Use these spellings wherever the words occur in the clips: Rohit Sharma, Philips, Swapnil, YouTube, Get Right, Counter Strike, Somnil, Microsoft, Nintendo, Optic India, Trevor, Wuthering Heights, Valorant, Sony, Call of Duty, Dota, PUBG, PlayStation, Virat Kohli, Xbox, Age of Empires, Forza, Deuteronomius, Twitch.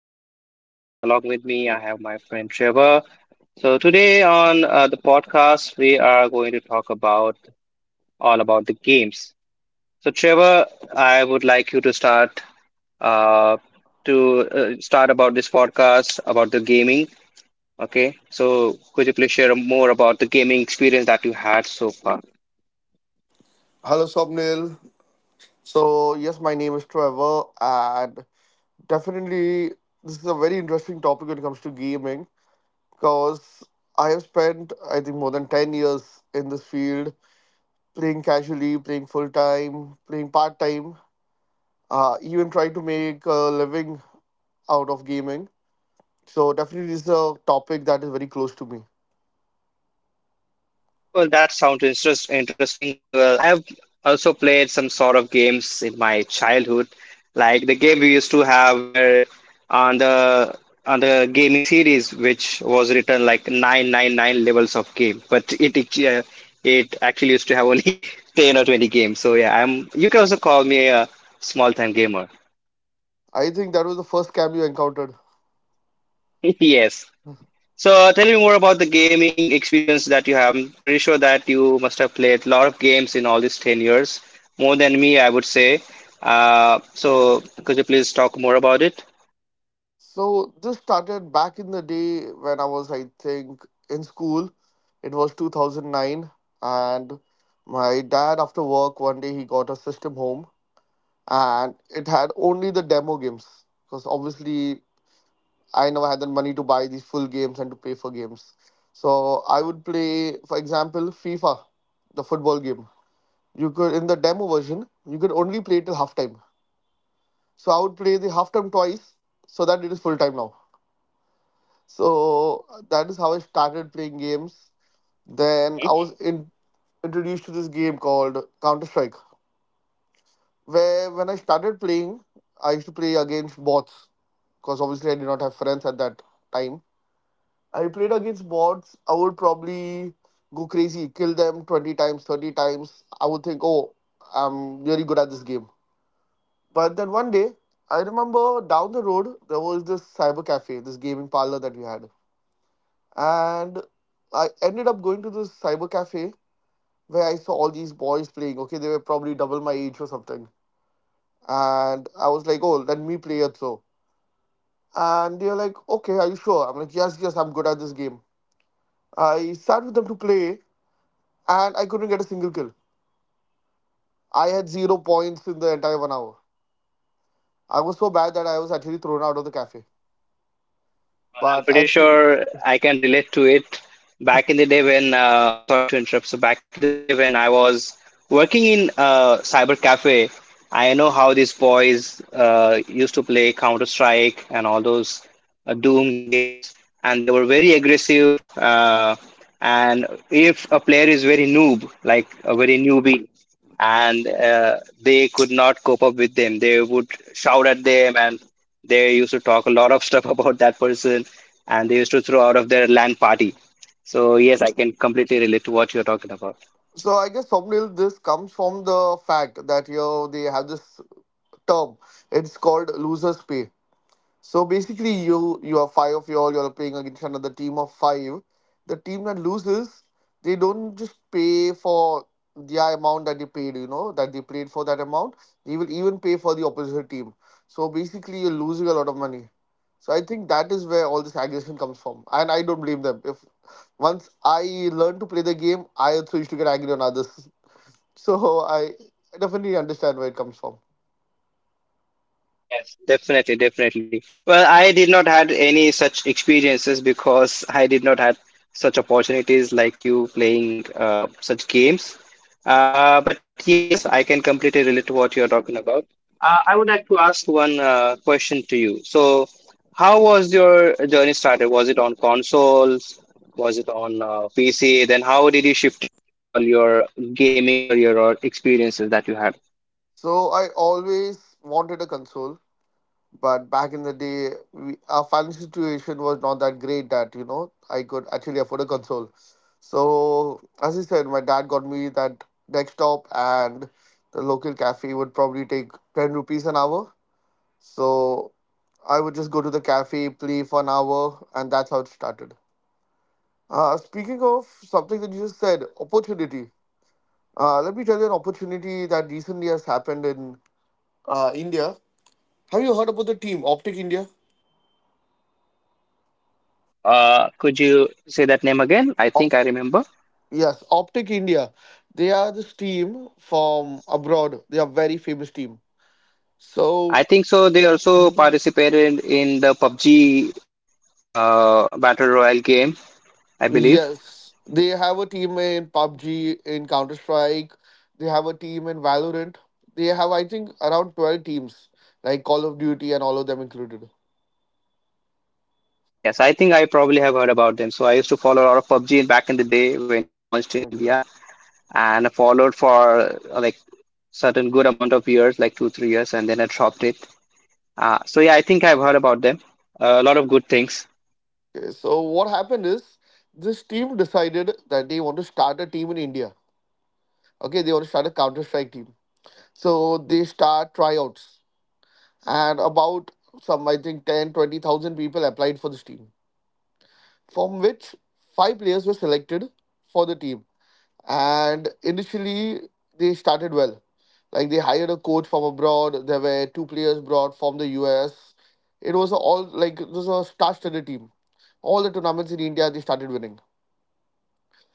is Swapnil, and along with me, I have my friend Trevor. So, today on the podcast, we are going to talk about all about the games. So, Trevor, I would like you to uh, start about this podcast about the gaming. Okay, so could you please share more about the gaming experience that you had so far? Hello, Somnil. So, yes, my name is Trevor, and definitely this is a very interesting topic when it comes to gaming because I have spent, I think, more than 10 years in this field playing casually, playing full time, playing part time, even trying to make a living out of gaming. So, definitely, this is a topic that is very close to me. Well, that sounds interesting. Well, I have also played some sort of games in my childhood, like the game we used to have where on the on the gaming series, which was written like 999 levels of game, but it actually used to have only 10 or 20 games. So yeah, I'm you can also call me a small time gamer. I think that was the first scam you encountered. Yes. So tell me more about the gaming experience that you have. I'm pretty sure that you must have played a lot of games in all these 10 years, more than me, I would say. So could you please talk more about it? So this started back in the day when I was, I think, in school. It was 2009, and my dad, after work, one day he got a system home, and it had only the demo games because obviously I never had the money to buy these full games and to pay for games. So I would play, for example, FIFA, the football game. You could in the demo version, you could only play till halftime. So I would play the halftime twice, so that it is full time now. So that is how I started playing games. Then I was introduced to this game called Counter Strike, where when I started playing, I used to play against bots because obviously I did not have friends at that time. I played against bots. I would probably go crazy, kill them 20 times, 30 times. I would think, oh, I'm really good at this game. But then one day, I remember down the road, there was this cyber cafe, this gaming parlor that we had, and I ended up going to this cyber cafe where I saw all these boys playing. Okay, they were probably double my age or something. And I was like, oh, let me play it so. And they are like, okay, are you sure? I'm like, yes, yes, I'm good at this game. I sat with them to play and I couldn't get a single kill. I had zero points in the entire one hour. I was so bad that I was actually thrown out of the cafe. I'm But pretty actually, sure I can relate to it. Back in the day sorry to interrupt. So back in the day when I was working in a cyber cafe, I know how these boys used to play Counter Strike and all those Doom games, and they were very aggressive. And if a player is very noob, like a very newbie, and they could not cope up with them. They would shout at them, and they used to talk a lot of stuff about that person, and they used to throw out of their land party. So yes, I can completely relate to what you're talking about. so I guess thumbnail, this comes from the fact that they have this term. It's called loser's pay. So basically, you are five of y'all. You're playing against another team of five. The team that loses, they don't just pay for the amount that they paid. You know that they played for that amount. They will even pay for the opposite team. So basically, you're losing a lot of money. So I think that is where all this aggression comes from, and I don't blame them. If once I learned to play the game, I also used to get angry on others. So I definitely understand where it comes from. Yes, definitely, definitely. Well, I did not had any such experiences because I did not had such opportunities like you playing such games. But yes, I can completely relate to what you're talking about. I would like to ask one question to you. So, how was your journey started? Was it on consoles? Was it on PC? Then how did you shift all your gaming career or experiences that you had? So I always wanted a console, but back in the day our financial situation was not that great that I could actually afford a console. So as I said, my dad got me that desktop, and the local cafe would probably take 10 rupees an hour. So I would just go to the cafe, play for an hour, and that's how it started. Speaking of something that you just said, opportunity, let me tell you an opportunity that recently has happened in india. Have you heard about the team Optic India? Could you say that name again? I think I remember. Yes, Optic India. They are this team from abroad. They are very famous team. I So. think so. They also Mm. participated in the PUBG Battle Royale game, I believe. Yes, they have a team in PUBG, in Counter Strike. They have a team in Valorant. They have, I think, around 12 teams, like Call of Duty and all of them included. Yes, I think I probably have heard about them. So I used to follow a lot of PUBG back in the day when it launched in Okay. India, and I followed for like certain good amount of years, like 2-3 years, and then I dropped it. So yeah, I think I've heard about them. A lot of good things. Okay. So what happened is this team decided that they want to start a team in India. Okay, they want to start a Counter Strike team. So they start tryouts. And about some, I think 10, 20,000 people applied for this team, from which five players were selected for the team. And initially they started well, like they hired a coach from abroad, there were two players brought from the US. It was a star-studded team. All the tournaments in india, they started winning.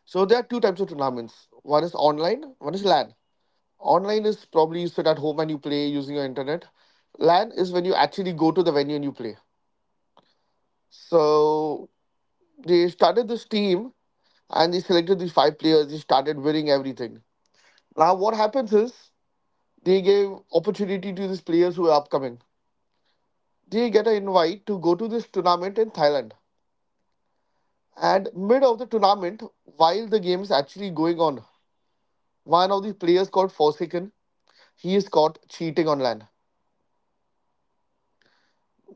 So there are two types of tournaments: one is online, one is lan. Online is probably you sit at home and you play using your internet. Lan is when you actually go to the venue and you play. So they started this team and they selected these five players. They started winning everything. Now what happens is they gave opportunity to these players who are upcoming. They get an invite to go to this tournament in Thailand. And mid of the tournament, while the game is actually going on, one of the players called Forsaken, he is caught cheating on land.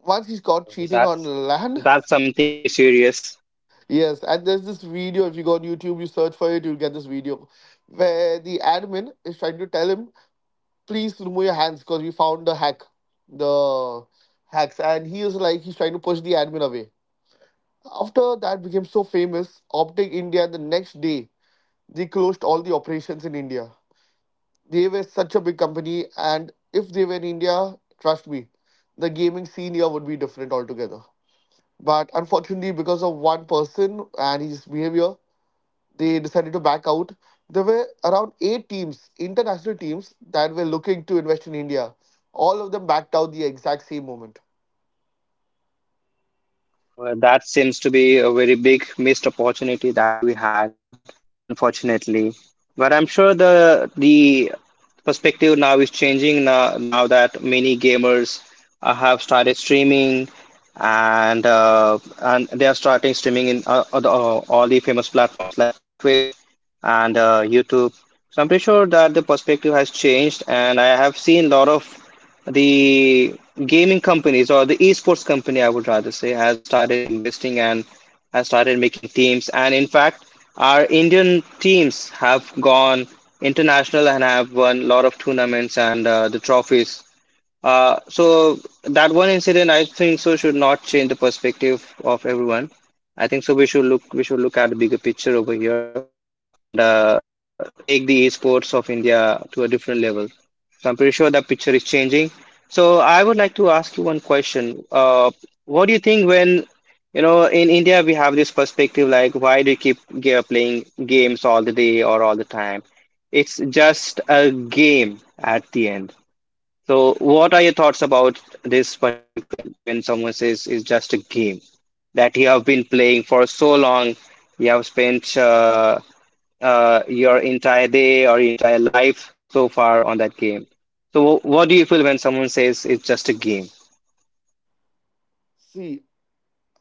Once he's caught So, cheating on That's land, that's something very serious. yes, and there's this video. If you go on YouTube, you search for it, you'll get this video where the admin is trying to tell him please remove your hands because we found the hacks. And he is like he's trying to push the admin away. After that became so famous, Optic India, the next day, they closed all the operations in india. They were such a big company, and if they were in india, trust me, the gaming scene here would be different altogether. But unfortunately, because of one person and his behavior, they decided to back out. There were around eight teams, international teams, that were looking to invest in India. All of them backed out the exact same moment. Well, that seems to be a very big missed opportunity that we had, unfortunately. But I'm sure the perspective now is changing now, now that many gamers have started streaming, and they are starting streaming in all the famous platforms like Twitch and YouTube. So I'm pretty sure that the perspective has changed, and I have seen a lot of the gaming companies or the esports company, I would rather say, has started investing and has started making teams. And in fact, our Indian teams have gone international and have won a lot of tournaments and the trophies. So that one incident, I think so, should not change the perspective of everyone. I think so we should look at the bigger picture over here and take the esports of India to a different level. So I'm pretty sure that picture is changing. So I would like to ask you one question. What do you think, when you know, in India we have this perspective like, why do you keep playing games all the day or all the time? It's just a game at the end. So, what are your thoughts about this particular line when someone says it's just a game that you have been playing for so long, you have spent your entire day or entire life so far on that game? So, what do you feel when someone says it's just a game? See,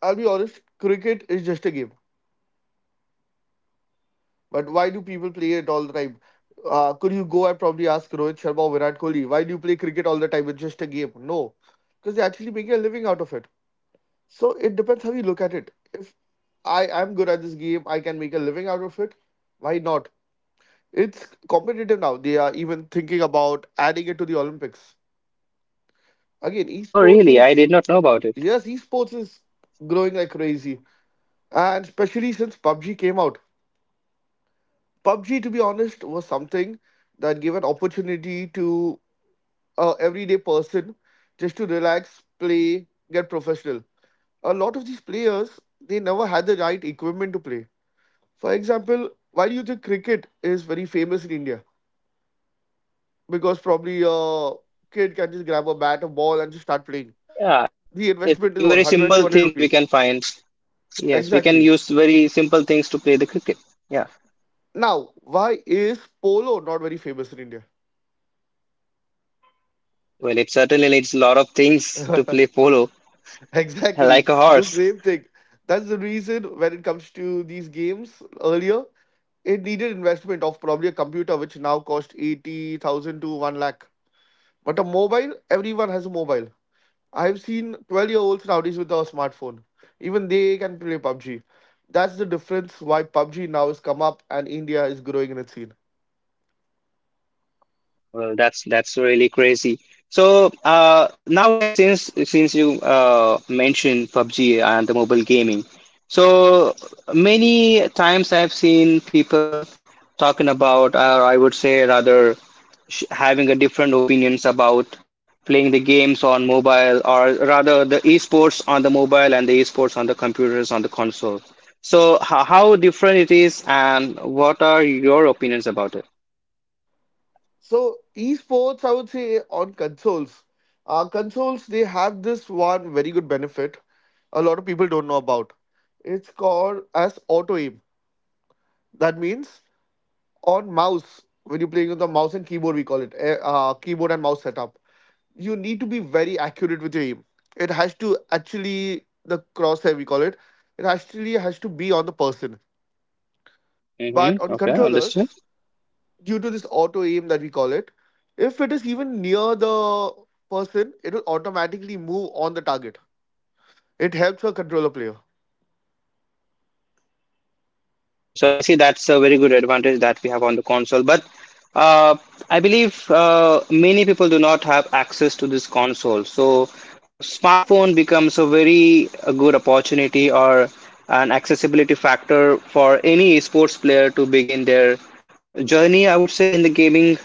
I'll be honest, cricket is just a game. But why do people play it all the time? Could you go and probably ask Rohit Sharma or Virat Kohli, why do you play cricket all the time? It's just a game. No, because they're actually making a living out of it. So it depends how you look at it. If I am good at this game, I can make a living out of it. Why not? It's competitive now. They are even thinking about adding it to the Olympics. Again, Oh, esports really? I is. did not know about it. Yes, esports is growing like crazy, and especially since PUBG came out. PUBG, to be honest, was something that gave an opportunity to a everyday person just to relax, play, get professional. A lot of these players, they never had the right equipment to play. For example, why do you think cricket is very famous in India? Because probably a kid can just grab a bat, a ball, and just start playing. Yeah, The it's investment like is very what, 100, simple 200 things we rupees. can find. Yes, we can Exactly. use very simple things to play the cricket. Yeah, Now, why is polo not very famous in India? well, it certainly needs a lot of things to play polo, Exactly. like a The horse. same thing. That's the reason when it comes to these games earlier, it needed investment of probably a computer, which now cost 80,000 to 1 lakh. But a mobile, everyone has a mobile. I've seen 12-year-olds nowadays with a smartphone. Even they can play PUBG. That's the difference why PUBG now has come up and India is growing in its scene. Well, that's really crazy. So nowadays, since you mentioned PUBG and the mobile gaming, so many times I've seen people talking about, or I would say rather, sh having a different opinions about playing the games on mobile, or rather the esports on the mobile and the esports on the computers on the console. So, how different it is, and what are your opinions about it? So, esports, I would say, on consoles. Consoles, they have this one very good benefit a lot of people don't know about. It's called as auto aim. That means on mouse, when you're playing with the mouse and keyboard, we call it keyboard and mouse setup. You need to be very accurate with your aim. It has to actually The crosshair we call it. It actually has to be on the person. But on Mm-hmm. Okay, controllers, understood. due to this auto aim that we call it, if it is even near the person, it will automatically move on the target. It helps a controller player. Okay, so I see that's a very good advantage that we have on the console, but uh, I believe many people do not have access to this console. So smartphone becomes a very a good opportunity or an accessibility factor for any sports player to begin their journey, I would say, in the gaming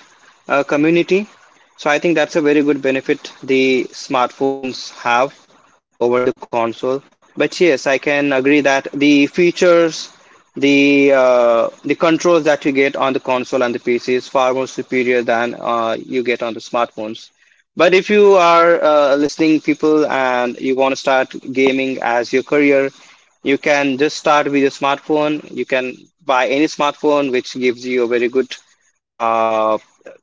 community. So I think that's a very good benefit the smartphones have over the console. But yes, I can agree that the features the controls that you get on the console and the PC is far more superior than you get on the smartphones. But if you are listening people and you want to start gaming as your career, you can just start with your smartphone. You can buy any smartphone which gives you a very good uh,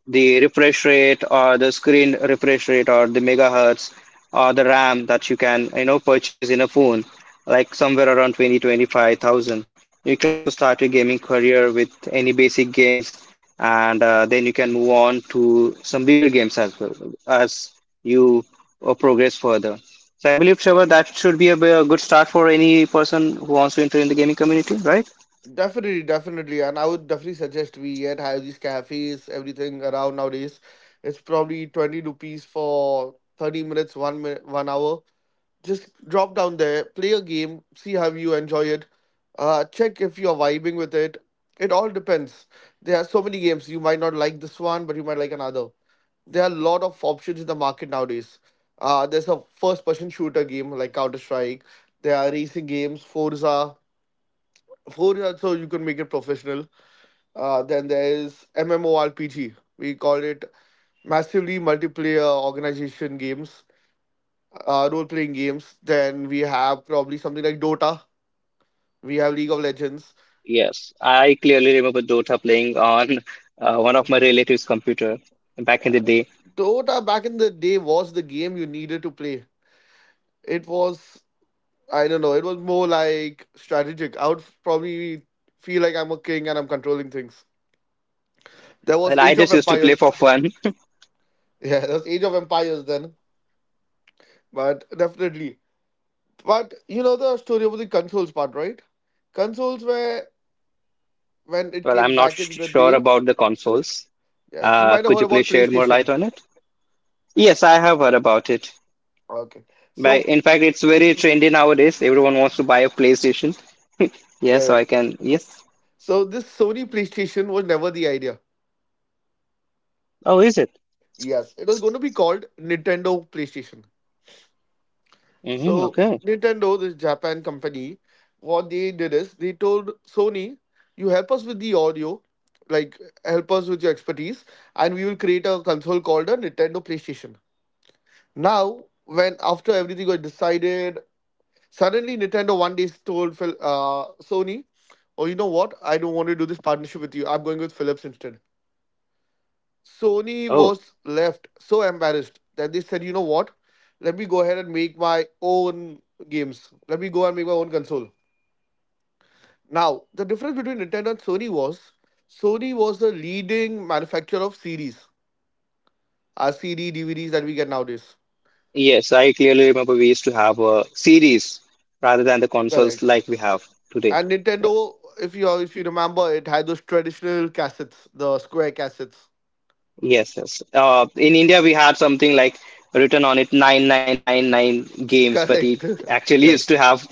the refresh rate or the screen refresh rate or the megahertz or the RAM that you can purchase in a phone like somewhere around 20 25,000. You can also start your gaming career with any basic games, and then you can move on to some bigger games as well as you progress further. So I believe, Trevor, that should be a good start for any person who wants to enter in the gaming community, right? Definitely, definitely, and I would definitely suggest we yet have these cafes, everything around nowadays. It's probably 20 rupees for 30 minutes, one minute, one hour, just drop down there, play a game, see how you enjoy it, check if you're vibing with it. It all depends. There are so many games. You might not like this one, but you might like another. There are a lot of options in the market nowadays. There's a first person shooter game like Counter Strike. There are racing games, Forza. Forza, so you can make it professional. Then there is MMORPG. We call it massively multiplayer organization games, role playing games. Then we have probably something like Dota. We have League of Legends. Yes, I clearly remember Dota playing on one of my relatives' computer back in the day. Dota back in the day was the game you needed to play. It was, I don't know, it was more like strategic. I would probably feel like I'm a king and I'm controlling things. There Well, was I Age of just used to play Empires. for fun. Yeah, there was Age of Empires then. But definitely. But you know the story of the consoles part, right? Consoles were when it Well, came I'm not back in the sure day. about the consoles. Yes, you might have Could heard you please about shed more light PlayStation. on it? Yes, I have heard about it. Okay. By So. In fact, it's very Mhm. trendy nowadays. Everyone wants to buy a PlayStation. Yes, I Correct. can. Yes. So this Sony PlayStation was never the idea. Oh, is it? Yes, it was going to be called Nintendo PlayStation. Hmm, So okay. Nintendo, this Japan company, what they did is they told Sony, "You help us with the audio, like help us with your expertise, and we will create a console called a Nintendo PlayStation." Now, when after everything was decided, suddenly Nintendo one day told Sony, "Oh, you know what? I don't want to do this partnership with you. I'm going with Philips instead." Sony Oh, was left so embarrassed that they said, you know what? Let me go ahead and make my own games. Let me go and make my own console. Now, the difference between Nintendo and Sony was the leading manufacturer of CDs, our CD, DVDs that we get nowadays. yes. I clearly remember we used to have a series rather than the consoles Correct. like we have today. And Yes. Nintendo, if you remember, it had those traditional cassettes, the square cassettes. Yes. Yes. In India, we had something like written on it 9999 games, but Correct. it actually used yes. to have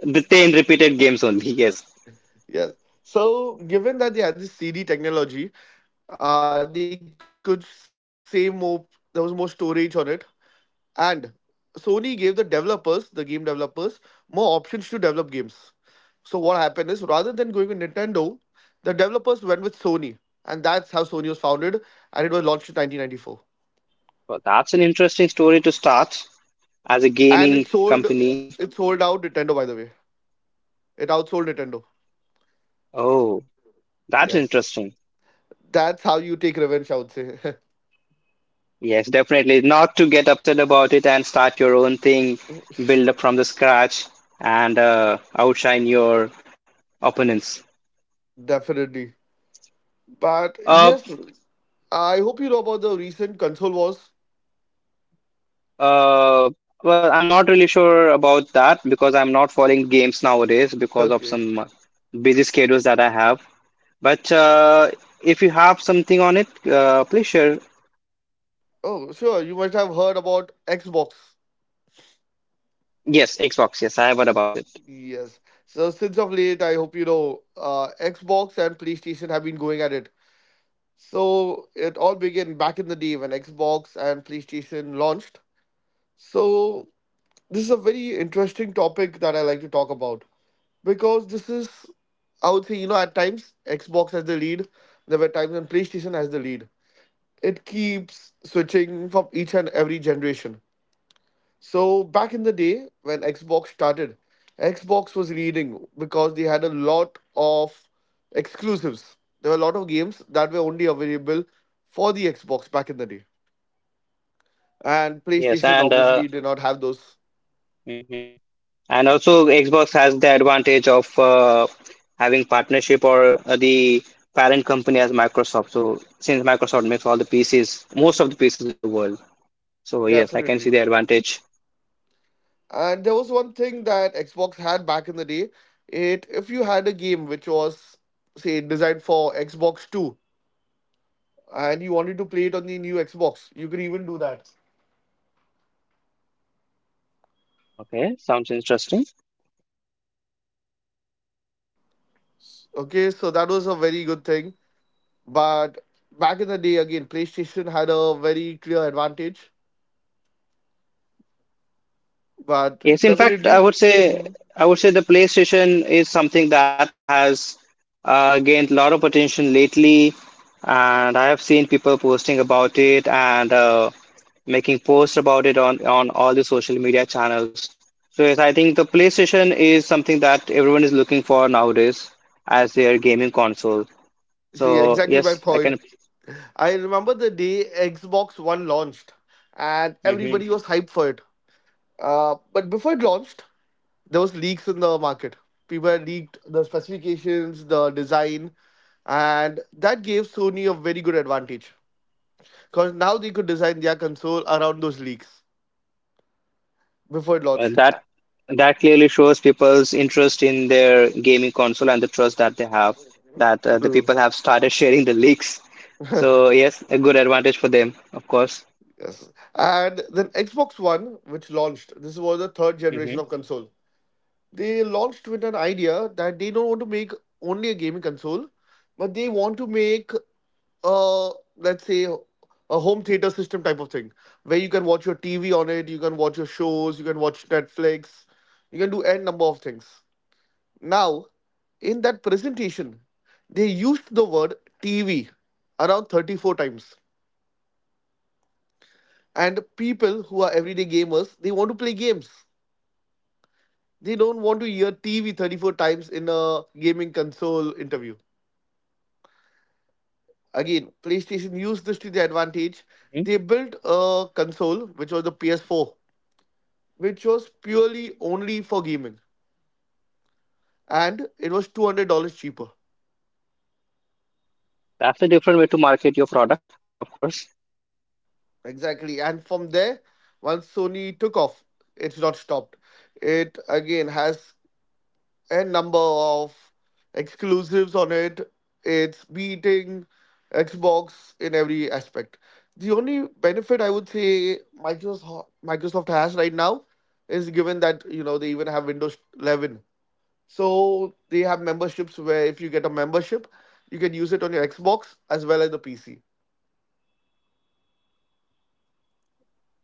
the 10 repeated games only. Yes. Yes. So, given that they had this CD technology, they could save more, there was more storage on it, and Sony gave the developers, the game developers, more options to develop games. So what happened is rather than going with Nintendo, the developers went with Sony, and that's how Sony was founded, and it was launched in 1994. Well, that's an interesting story to start And as a it sold, gaming it company. sold out Nintendo, by the way. It outsold Nintendo. Oh, that's Yes, interesting. that's how you take revenge, I would say. Yes, definitely. Not to get upset about it and start your own thing, build up from the scratch, and outshine your opponents. Definitely. But Uh, yes, I hope you know about the recent console wars. uh, well, I'm not really sure about that because I'm not following games nowadays because of Okay. some busy schedules that I have. But if you have something on it, please share. Oh, sure. You must have heard about Xbox. Yes, Xbox. Yes, I have heard about it. Yes. So since of late, I hope you know, Xbox and PlayStation have been going at it. So it all began back in the day when Xbox and PlayStation launched. So this is a very interesting topic that I like to talk about, because this is, I would say, you know, at times Xbox has the lead. There were times when PlayStation has the lead. It keeps switching from each and every generation. So back in the day when Xbox started, Xbox was leading because they had a lot of exclusives. There were a lot of games that were only available for the Xbox back in the day. And Yes, PlayStation and obviously did not have those. mhm. And also, Xbox has the advantage of having partnership or the parent company as Microsoft. So, since Microsoft makes all the pieces, most of the pieces in the world. So, yes, I can see Definitely. the advantage. And there was one thing that Xbox had back in the day. It If you had a game which was, say, designed for Xbox 2 and you wanted to play it on the new Xbox, you could even do that. Okay, sounds interesting. Okay, so that was a very good thing. But back in the day, again, PlayStation had a very clear advantage. But Yes, in fact, I definitely, would say mhm, I would say the PlayStation is something that has gained a lot of attention lately, and I have seen people posting about it and making posts about it on all the social media channels. So yes, I think the PlayStation is something that everyone is looking for nowadays as their gaming console. So see, exactly my yes, I point. can. I remember the day Xbox One launched, and Mhm. everybody was hyped for it. But before it launched, there was leaks in the market. People had leaked the specifications, the design, and that gave Sony a very good advantage, because now they could design their console around those leaks before it Uh, launched. That that clearly shows people's interest in their gaming console and the trust that they have that the True. people have started sharing the leaks. So yes, a good advantage for them, of course. Yes. And then Xbox One, which launched, this was the third generation Hmm. of console. They launched with an idea that they don't want to make only a gaming console, but they want to make a, let's say, a home theater system type of thing, where you can watch your TV on it, you can watch your shows, you can watch Netflix, you can do n number of things. Now, in that presentation, they used the word TV around 34 times. And people who are everyday gamers, they want to play games, they don't want to hear TV 34 times in a gaming console interview. Again, PlayStation used this to their advantage. Hmm. They built a console which was the PS4, which was purely only for gaming, and it was $200 cheaper. That's a different way to market your product, of course. Exactly. And from there, once Sony took off, it's not stopped. It again has and number of exclusives on it. It's beating Xbox in every aspect. The only benefit, I would say, Microsoft has right now is given that, you know, they even have Windows 11, so they have memberships where if you get a membership, you can use it on your Xbox as well as the PC.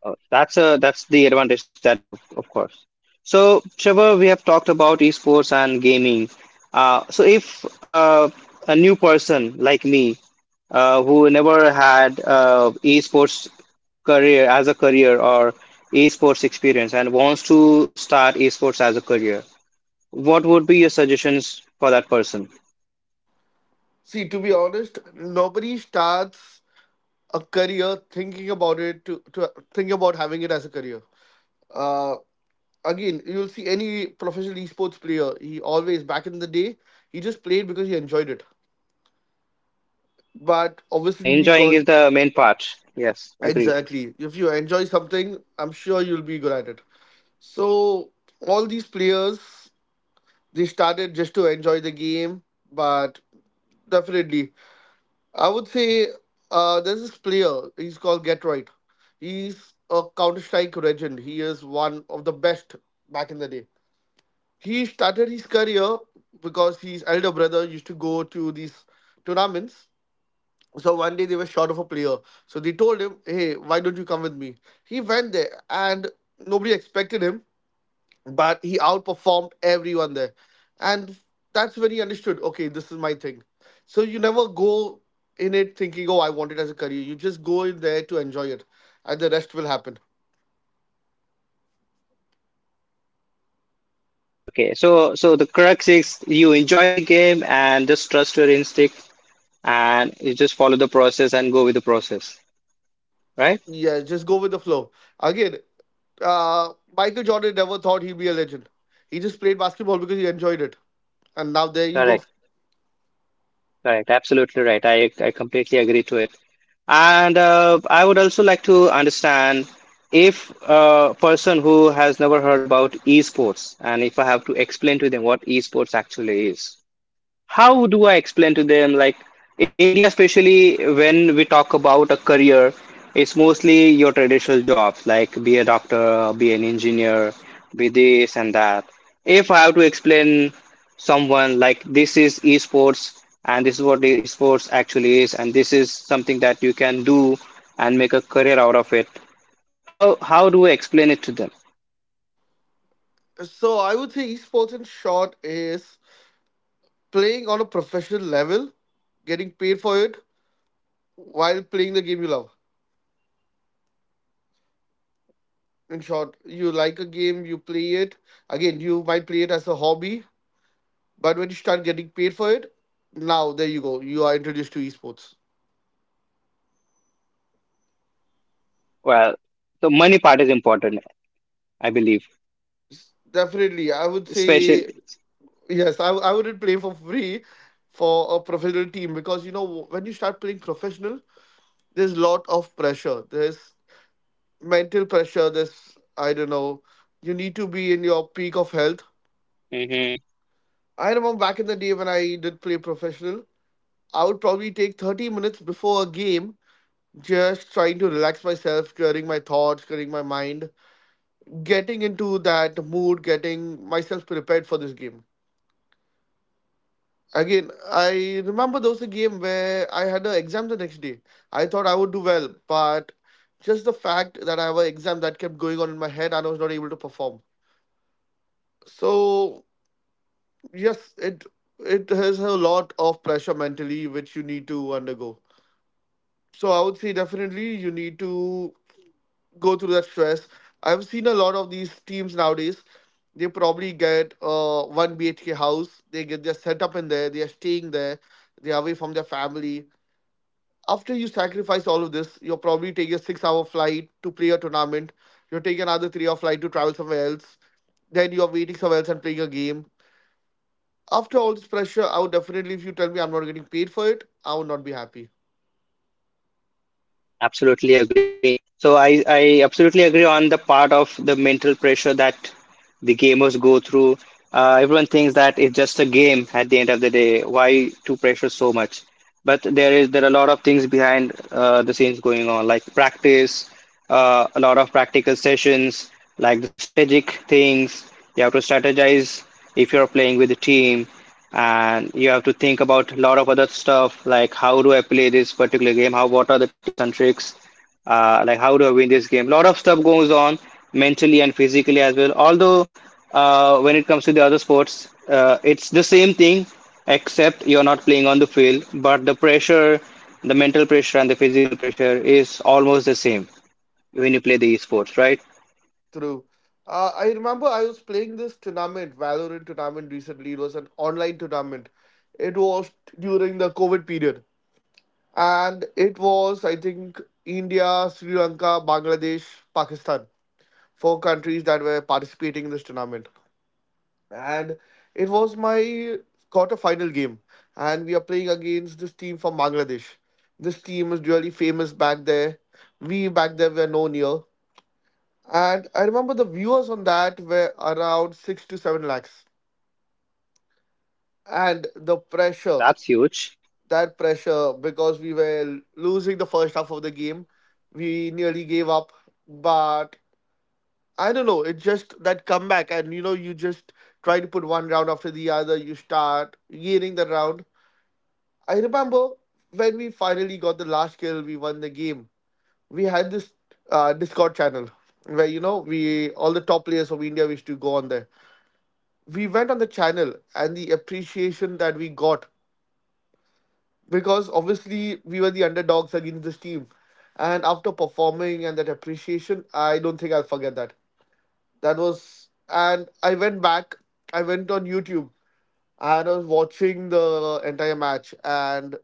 Oh, that's the advantage that they have, of course. So, Trevor, we have talked about esports and gaming. So, if a new person like me who never had esports career as a career or esports experience and wants to start esports as a career, what would be your suggestions for that person? See, to be honest, nobody starts a career thinking about it, to think about having it as a career. Uh, Again, you'll see any professional esports player, he always, back in the day, he just played because he enjoyed it. But Mhm, obviously, he enjoying got is the main part. Yes, agree. exactly. If you enjoy something, I'm sure you'll be good at it. So, all these players, they started just to enjoy the game, but definitely, I would say, there's this player, he's called Get Right. He's a Counter Strike legend. He is one of the best back in the day. He started his career because his elder brother used to go to these tournaments. So one day they were short of a player. So they told him, "Hey, why don't you come with me?" He went there and nobody expected him, but he outperformed everyone there. And that's when he understood, okay, this is my thing. So you never go in it thinking, oh, I want it as a career. You just go in there to enjoy it, and the rest will happen. Okay, so the crux is you enjoy the game and just trust your instinct, and you just follow the process and go with the process, right? Yeah, just go with the flow. Again, Michael Jordan never thought he'd be a legend. He just played basketball because he enjoyed it. And now there you go. Correct, correct. Absolutely right. I completely agree to it. And I would also like to understand, if a person who has never heard about esports and if I have to explain to them what esports actually is, how do I explain to them? Like in India, especially when we talk about a career, it's mostly your traditional jobs, like be a doctor, be an engineer, be this and that. If I have to explain someone like this is esports, and this is what the esports actually is, and this is something that you can do and make a career out of it, how do I explain it to them? So I would say esports in short is playing on a professional level, getting paid for it while playing the game you love. In short, you like a game, you play it. Again, you might play it as a hobby, but when you start getting paid for it, now there you go. You are introduced to esports. Well, the money part is important, I believe, Definitely, I would especially. say, yes, I wouldn't play for free for a professional team, because you know when you start playing professional, there's a lot of pressure. There's mental pressure. There's, I don't know, you need to be in your peak of health. I remember back in the day when I did play professional, I would probably take 30 minutes before a game just trying to relax myself, clearing my thoughts, clearing my mind, getting into that mood, getting myself prepared for this game. Again, I remember there was a game where I had an exam the next day. I thought I would do well, but just the fact that I have an exam that kept going on in my head, and I was not able to perform. So yes, it has a lot of pressure mentally which you need to undergo. So I would say definitely you need to go through that stress. I've seen a lot of these teams nowadays. They probably get a one BHK house. They get their setup in there. They are staying there. They are away from their family. After you sacrifice all of this, you'll probably take a 6 hour flight to play a tournament. You'll take another 3 hour flight to travel somewhere else. Then you're waiting somewhere else and playing a game. After all this pressure, I would definitely, if you tell me I'm not getting paid for it, I would not be happy. Absolutely agree. So I absolutely agree on the part of the mental pressure that the gamers go through. Everyone thinks that it's just a game at the end of the day. Why to pressure so much? But there are a lot of things behind the scenes going on, like practice, a lot of practical sessions, like the strategic things. You have to strategize if you're playing with a team, and you have to think about a lot of other stuff, like how do I play this particular game? How What are the tips and tricks? Like how do I win this game? A lot of stuff goes on mentally and physically as well. Although when it comes to the other sports, it's the same thing, except you're not playing on the field, but the pressure, the mental pressure and the physical pressure is almost the same when you play the esports, right? True. I remember I was playing this tournament, Valorant tournament recently. It was an online tournament. It was during the COVID period. And it was, I think, India, Sri Lanka, Bangladesh, Pakistan. Four countries that were participating in this tournament. And it was my quarterfinal game, and we are playing against this team from Bangladesh. This team is really famous back there. We back there were known here. And I remember the viewers on that were around 6 to 7 lakhs. And the pressure, That's huge. that pressure, because we were losing the first half of the game, we nearly gave up. But I don't know, it's just that comeback, and you know you just try to put one round after the other, you start gaining the round. I remember when we finally got the last kill, we won the game. We had this Discord channel where, you know, we all the top players from India used to go on there. We went on the channel, and the appreciation that we got, because obviously we were the underdogs against this team, and after performing and that appreciation, I don't think I'll forget that. That was, and I went back. I went on YouTube and I was watching the entire match, and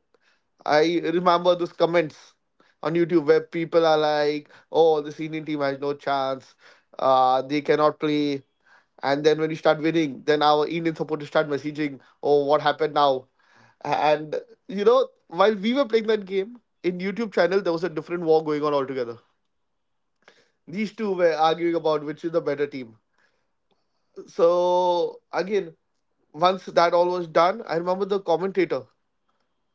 I remember those comments on YouTube where people are like, "Oh, the senior team has no chance. They cannot play." And then when we start winning, then our Indian supporters start messaging, "Oh, what happened now?" And you know, while we were playing that game in YouTube channel, there was a different war going on altogether. These two were arguing about which is the better team. So again, once that all was done, I remember the commentator,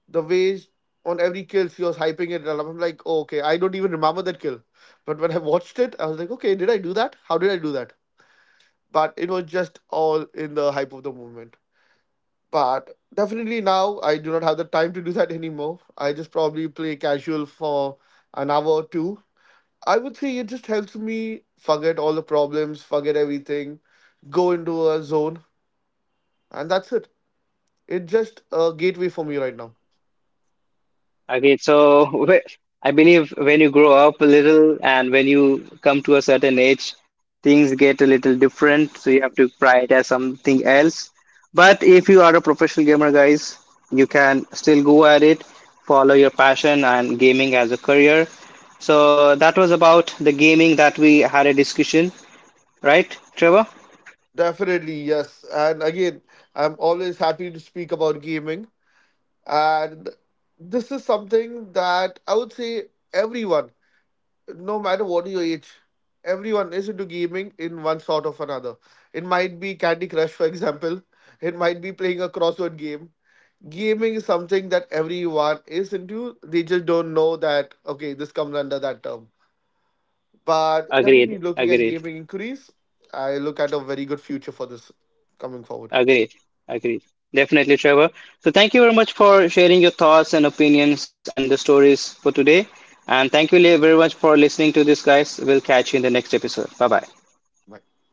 the ways, on every kill she was hyping it and I'm like, oh, okay, I don't even remember that kill. But when I watched it, I was like, okay, did I do that? How did I do that? But it was just all in the hype of the moment. But definitely now I do not have the time to do that anymore. I just probably play casual for an hour or two. I would say it just helps me forget all the problems, forget everything, go into a zone, and that's it. It's just a gateway for me right now. Okay, so I believe when you grow up a little and when you come to a certain age, things get a little different. So you have to prioritize something else. But if you are a professional gamer, guys, you can still go at it, follow your passion and gaming as a career. So that was about the gaming that we had a discussion, right, Trevor? Definitely, yes. And again, I'm always happy to speak about gaming. And this is something that I would say everyone, no matter what your age, everyone is into gaming in one sort of another. It might be Candy Crush, for example, it might be playing a crossword game. Gaming is something that everyone is into. They just don't know that, okay, this comes under that term. But Agreed, definitely looking at agreed. gaming increase, I look at a very good future for this coming forward. Agreed. Agreed. Definitely, Trevor. So thank you very much for sharing your thoughts and opinions and the stories for today. And thank you very much for listening to this, guys. We'll catch you in the next episode. Bye bye. Bye.